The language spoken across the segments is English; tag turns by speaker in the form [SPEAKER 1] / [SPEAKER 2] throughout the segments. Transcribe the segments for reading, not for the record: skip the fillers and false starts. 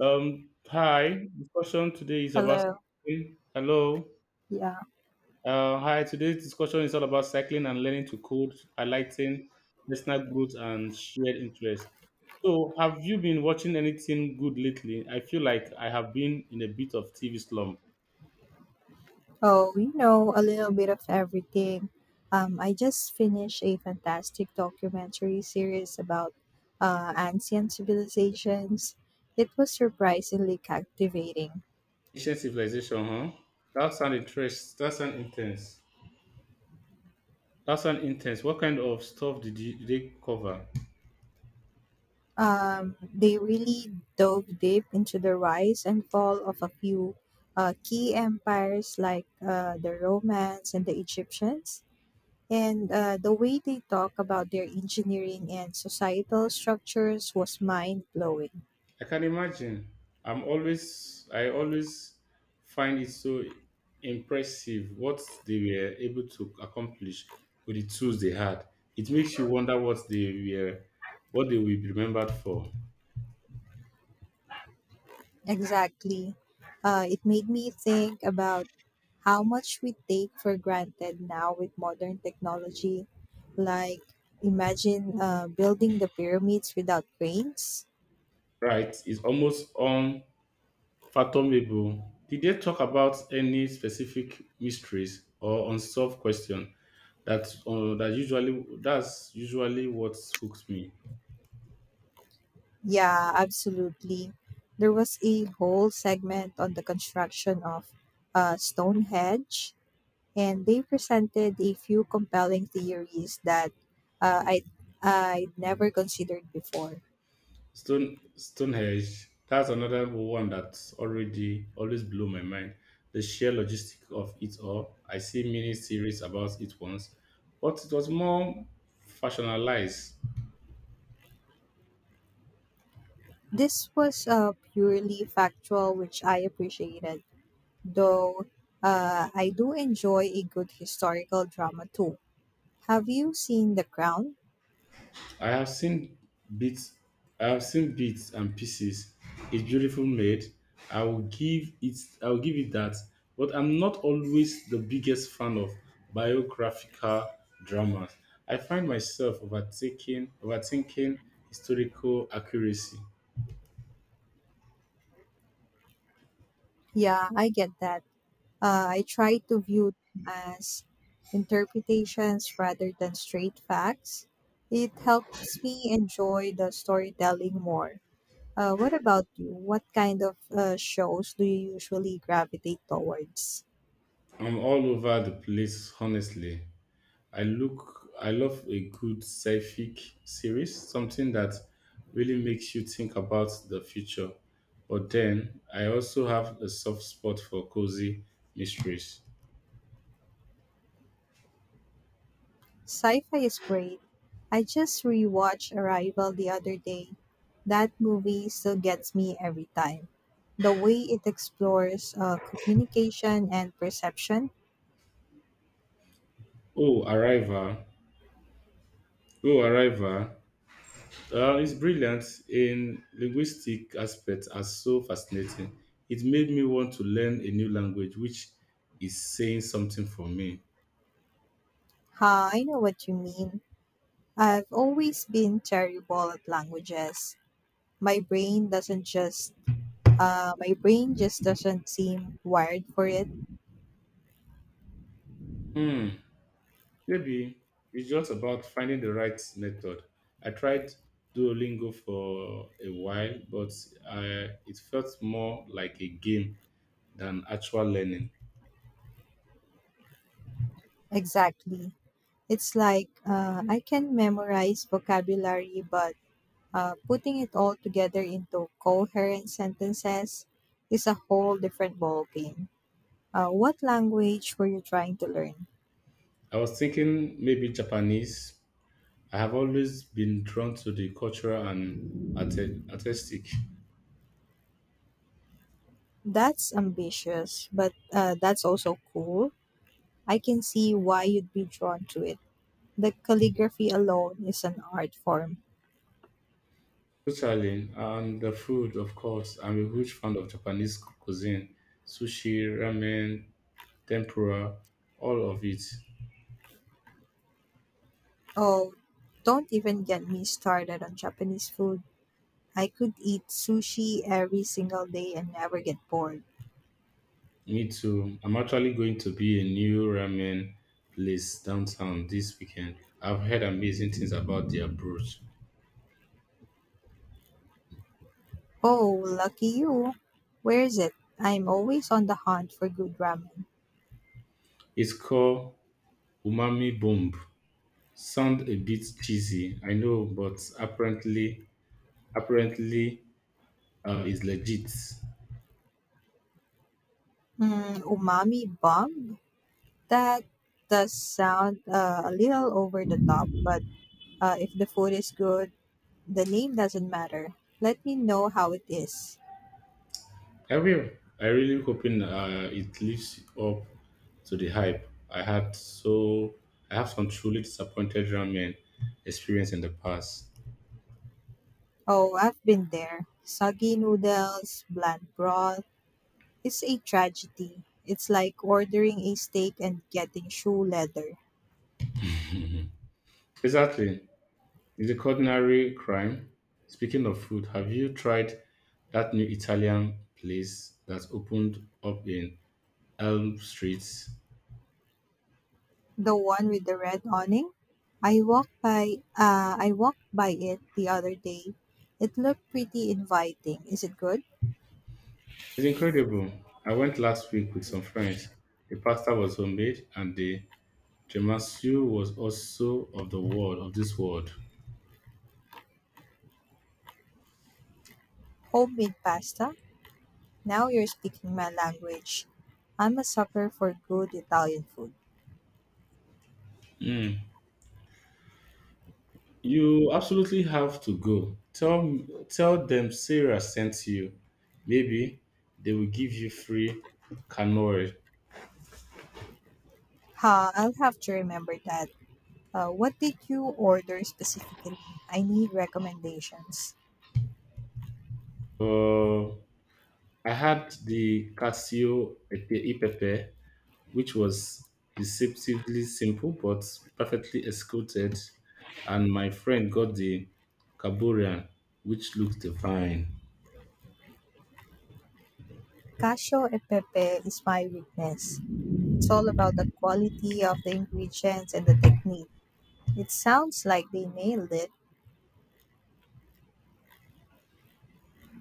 [SPEAKER 1] Hi. Discussion today is about
[SPEAKER 2] Hello.
[SPEAKER 1] cycling. Hello.
[SPEAKER 2] Yeah.
[SPEAKER 1] Hi. Today's discussion is all about cycling and learning to code, highlighting personal growth and shared interest. So, have you been watching anything good lately? I feel like I have been in a bit of TV slump.
[SPEAKER 2] Oh, we know a little bit of everything. I just finished a fantastic documentary series about ancient civilizations. It was surprisingly captivating.
[SPEAKER 1] Ancient civilization, huh? That sound interest. That sound intense. That sound intense. What kind of stuff did you, did they cover?
[SPEAKER 2] They really dove deep into the rise and fall of a few key empires like the Romans and the Egyptians. And the way they talk about their engineering and societal structures was mind blowing.
[SPEAKER 1] I can imagine. I always find it so impressive what they were able to accomplish with the tools they had. It makes you wonder what they will be remembered for.
[SPEAKER 2] Exactly. It made me think about how much we take for granted now with modern technology. Like, imagine building the pyramids without cranes.
[SPEAKER 1] Right? It's almost unfathomable. Did they talk about any specific mysteries or unsolved question that's usually what hooks me?
[SPEAKER 2] Yeah, absolutely. There was a whole segment on the construction of Stonehenge, and they presented a few compelling theories that I'd never considered before.
[SPEAKER 1] Stonehenge, that's another one that's already always blew my mind. The sheer logistic of it all. I see mini series about it once, but it was more factionalized.
[SPEAKER 2] This was purely factual, which I appreciated, though I do enjoy a good historical drama too. Have you seen The Crown?
[SPEAKER 1] I have seen bits I have seen bits and pieces. It's beautiful made. I will give it I will give it that. But I'm not always the biggest fan of biographical dramas. I find myself overtaking overthinking historical accuracy.
[SPEAKER 2] Yeah, I get that. I try to view them as interpretations rather than straight facts. It helps me enjoy the storytelling more. What about you? What kind of shows do you usually gravitate towards?
[SPEAKER 1] I'm all over the place honestly. I love a good sci-fi series, something that really makes you think about the future. But then I also have a soft spot for cozy mysteries.
[SPEAKER 2] Sci-fi is great. I just rewatched Arrival the other day. That movie still gets me every time. The way it explores communication and perception.
[SPEAKER 1] Oh, Arrival. Oh, Arrival. It's brilliant in linguistic aspects are so fascinating. It made me want to learn a new language, which is saying something for me.
[SPEAKER 2] Ha, I know what you mean. I've always been terrible at languages. My brain doesn't just my brain just doesn't seem wired for it.
[SPEAKER 1] Hmm. Maybe it's just about finding the right method. I tried Duolingo for a while, but it felt more like a game than actual learning.
[SPEAKER 2] Exactly. It's like I can memorize vocabulary, but putting it all together into coherent sentences is a whole different ballgame. What language were you trying to learn?
[SPEAKER 1] I was thinking maybe Japanese. I have always been drawn to the cultural and artistic.
[SPEAKER 2] That's ambitious, but that's also cool. I can see why you'd be drawn to it. The calligraphy alone is an art form.
[SPEAKER 1] Totally, and the food, of course. I'm a huge fan of Japanese cuisine, sushi, ramen, tempura, all of it.
[SPEAKER 2] Oh, don't even get me started on Japanese food. I could eat sushi every single day and never get bored.
[SPEAKER 1] Me too. I'm actually going to be a new ramen place downtown this weekend. I've heard amazing things about their broth.
[SPEAKER 2] Oh, lucky you. Where is it? I'm always on the hunt for good ramen.
[SPEAKER 1] It's called Umami Bomb. Sound a bit cheesy, I know, but apparently, it's legit.
[SPEAKER 2] Mm, umami bomb? That does sound a little over the top, but if the food is good, the name doesn't matter. Let me know how it is.
[SPEAKER 1] I will. I really hoping it lives up to the hype. I had so I have some truly disappointed ramen experience in the past.
[SPEAKER 2] Oh, I've been there. Soggy noodles, bland broth. It's a tragedy. It's like ordering a steak and getting shoe leather.
[SPEAKER 1] Exactly. It's a culinary crime. Speaking of food, have you tried that new Italian place that opened up in Elm Street? It's
[SPEAKER 2] The one with the red awning? I walked by it the other day. It looked pretty inviting. Is it good?
[SPEAKER 1] incredible. I went last week with some friends. The pasta was homemade and the tiramisu was also of the world of this world.
[SPEAKER 2] Homemade pasta? Now you're speaking my language. I'm a sucker for good Italian food.
[SPEAKER 1] Mm. You absolutely have to go. Tell them Sarah sent you. Maybe they will give you free canoe.
[SPEAKER 2] Ha, I'll have to remember that. What did you order specifically? I need recommendations.
[SPEAKER 1] Uh, I had the Casio Epepe, which was deceptively simple but perfectly executed, and my friend got the Caburian, which looked divine.
[SPEAKER 2] Casio e pepe is my weakness. It's all about the quality of the ingredients and the technique. It sounds like they nailed it.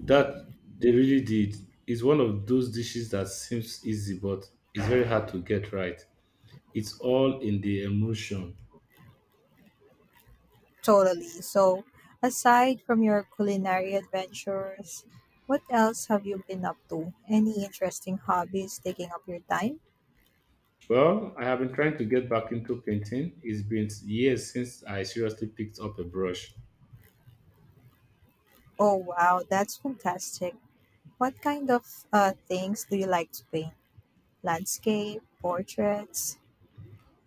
[SPEAKER 1] That they really did. It's one of those dishes that seems easy but it's very hard to get right. It's all in the emotion.
[SPEAKER 2] Totally. So, aside from your culinary adventures, what else have you been up to? Any interesting hobbies taking up your time?
[SPEAKER 1] Well, I have been trying to get back into painting. It's been years since I seriously picked up a brush.
[SPEAKER 2] Oh, wow, that's fantastic. What kind of things do you like to paint? Landscape, portraits?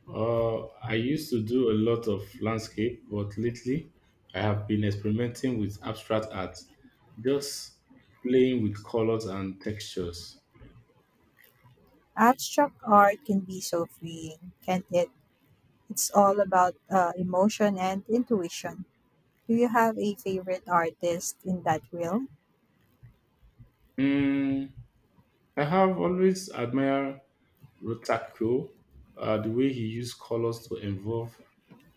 [SPEAKER 1] I used to do a lot of landscape, but lately I have been experimenting with abstract art, just playing with colors and textures.
[SPEAKER 2] Abstract art can be so freeing, can't it? It's all about emotion and intuition. Do you have a favorite artist in that realm?
[SPEAKER 1] Mm, I have always admired Rotaco, the way he used colors to involve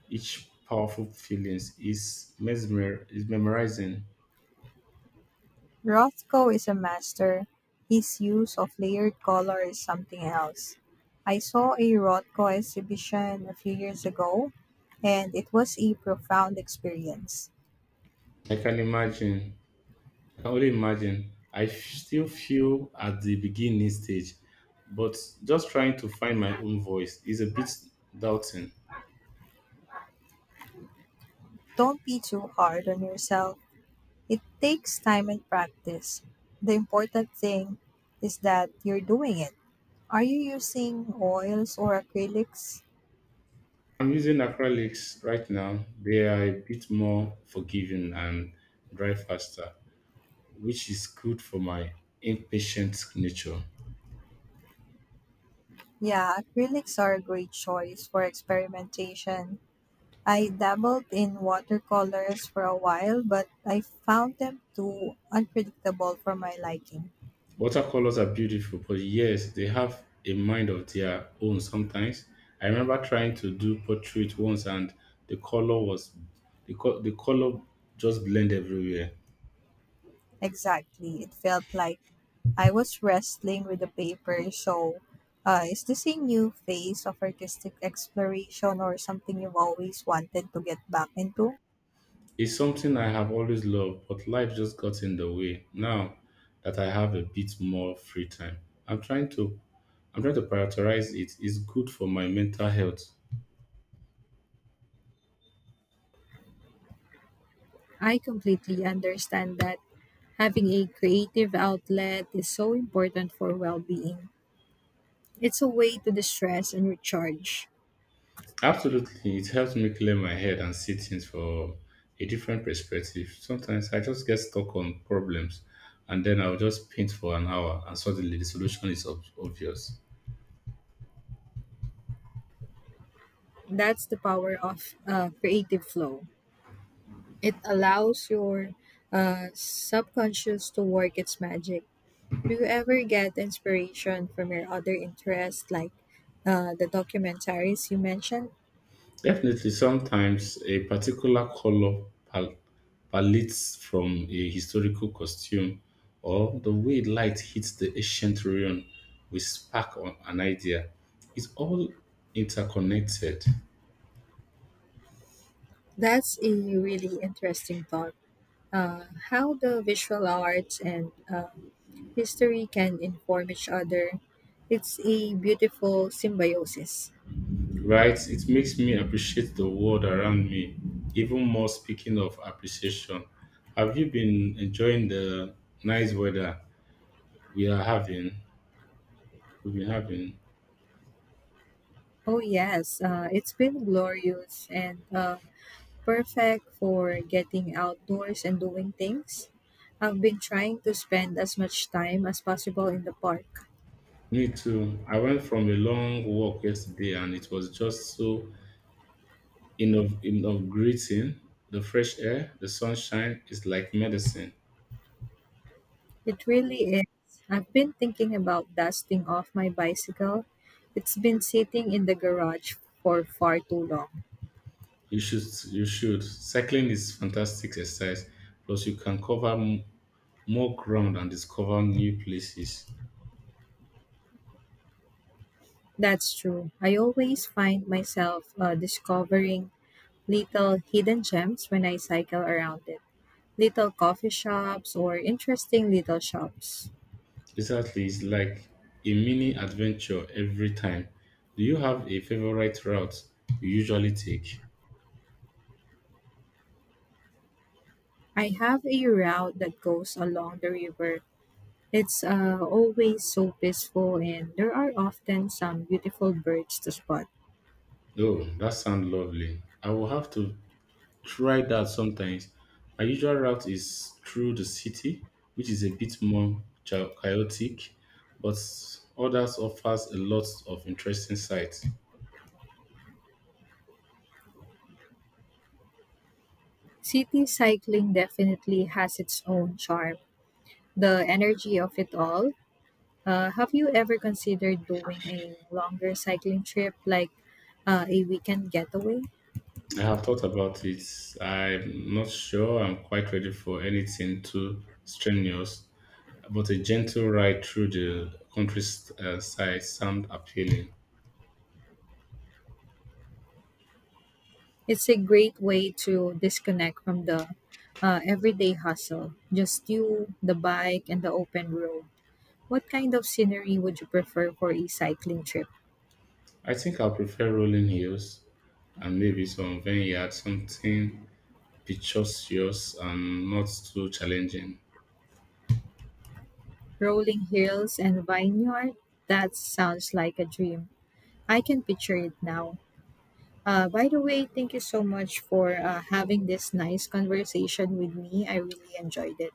[SPEAKER 1] each powerful feelings is mesmer is memorizing.
[SPEAKER 2] Rothko is a master. His use of layered color is something else. I saw a Rothko exhibition a few years ago, and it was a profound experience.
[SPEAKER 1] I can imagine. I can only imagine. Still feel at the beginning stage, but just trying to find my own voice is a bit daunting.
[SPEAKER 2] Don't be too hard on yourself. It takes time and practice. The important thing is that you're doing it. Are you using oils or acrylics?
[SPEAKER 1] I'm using acrylics right now. They are a bit more forgiving and dry faster, which is good for my impatient nature.
[SPEAKER 2] Yeah, acrylics are a great choice for experimentation. I dabbled in watercolors for a while, but I found them too unpredictable for my liking.
[SPEAKER 1] Watercolors are beautiful, but yes, they have a mind of their own sometimes. I remember trying to do portrait once and the color was the, co- the color just blend everywhere.
[SPEAKER 2] Exactly. It felt like I was wrestling with the paper. So, is this a new phase of artistic exploration or something you've always wanted to get back into?
[SPEAKER 1] It's something I have always loved, but life just got in the way. Now that I have a bit more free time, I'm trying to I'm trying to prioritize it. It's good for my mental health.
[SPEAKER 2] I completely understand that having a creative outlet is so important for well being. It's a way to distress and recharge.
[SPEAKER 1] Absolutely, it helps me clear my head and see things from a different perspective. Sometimes I just get stuck on problems and then I'll just paint for an hour and suddenly the solution is obvious.
[SPEAKER 2] That's the power of creative flow. It allows your subconscious to work its magic. Do you ever get inspiration from your other interests, like the documentaries you mentioned?
[SPEAKER 1] Definitely, sometimes a particular color pal- palette from a historical costume or the way light hits the ancient ruin will spark on an idea. It's all interconnected,
[SPEAKER 2] That's a really interesting thought. Uh, how the visual arts and history can inform each other. It's a beautiful symbiosis.
[SPEAKER 1] right? It makes me appreciate the world around me even more. Speaking of appreciation, have you been enjoying the nice weather we are having? We've been having.
[SPEAKER 2] Oh, yes, it's been glorious and perfect for getting outdoors and doing things. I've been trying to spend as much time as possible in the park.
[SPEAKER 1] Me too. I went from a long walk yesterday and it was just so invigorating. The fresh air, the sunshine is like medicine.
[SPEAKER 2] It really is. I've been thinking about dusting off my bicycle. It's been sitting in the garage for far too long.
[SPEAKER 1] You should, you should. Cycling is fantastic exercise. Plus, you can cover more ground and discover new places.
[SPEAKER 2] That's true. I always find myself discovering little hidden gems when I cycle around it. Little coffee shops or interesting little shops.
[SPEAKER 1] Exactly, it's like a mini adventure every time. Do you have a favorite route you usually take?
[SPEAKER 2] I have a route that goes along the river. It's always so peaceful, and there are often some beautiful birds to spot.
[SPEAKER 1] Oh, that sounds lovely. I will have to try that sometimes. My usual route is through the city, which is a bit more chaotic, but others offers a lot of interesting sights.
[SPEAKER 2] City cycling definitely has its own charm, the energy of it all. Have you ever considered doing a longer cycling trip, like a weekend getaway?
[SPEAKER 1] I have thought about it. I'm not sure I'm quite ready for anything too strenuous, but a gentle ride through the countryside sound appealing.
[SPEAKER 2] It's a great way to disconnect from the everyday hustle, just you, the bike, and the open road. What kind of scenery would you prefer for a cycling trip?
[SPEAKER 1] I think I'll prefer rolling hills and maybe some vineyard, something picturesque and not too challenging.
[SPEAKER 2] Rolling hills and vineyard? That sounds like a dream. I can picture it now. By the way, thank you so much for having this nice conversation with me. I really enjoyed it.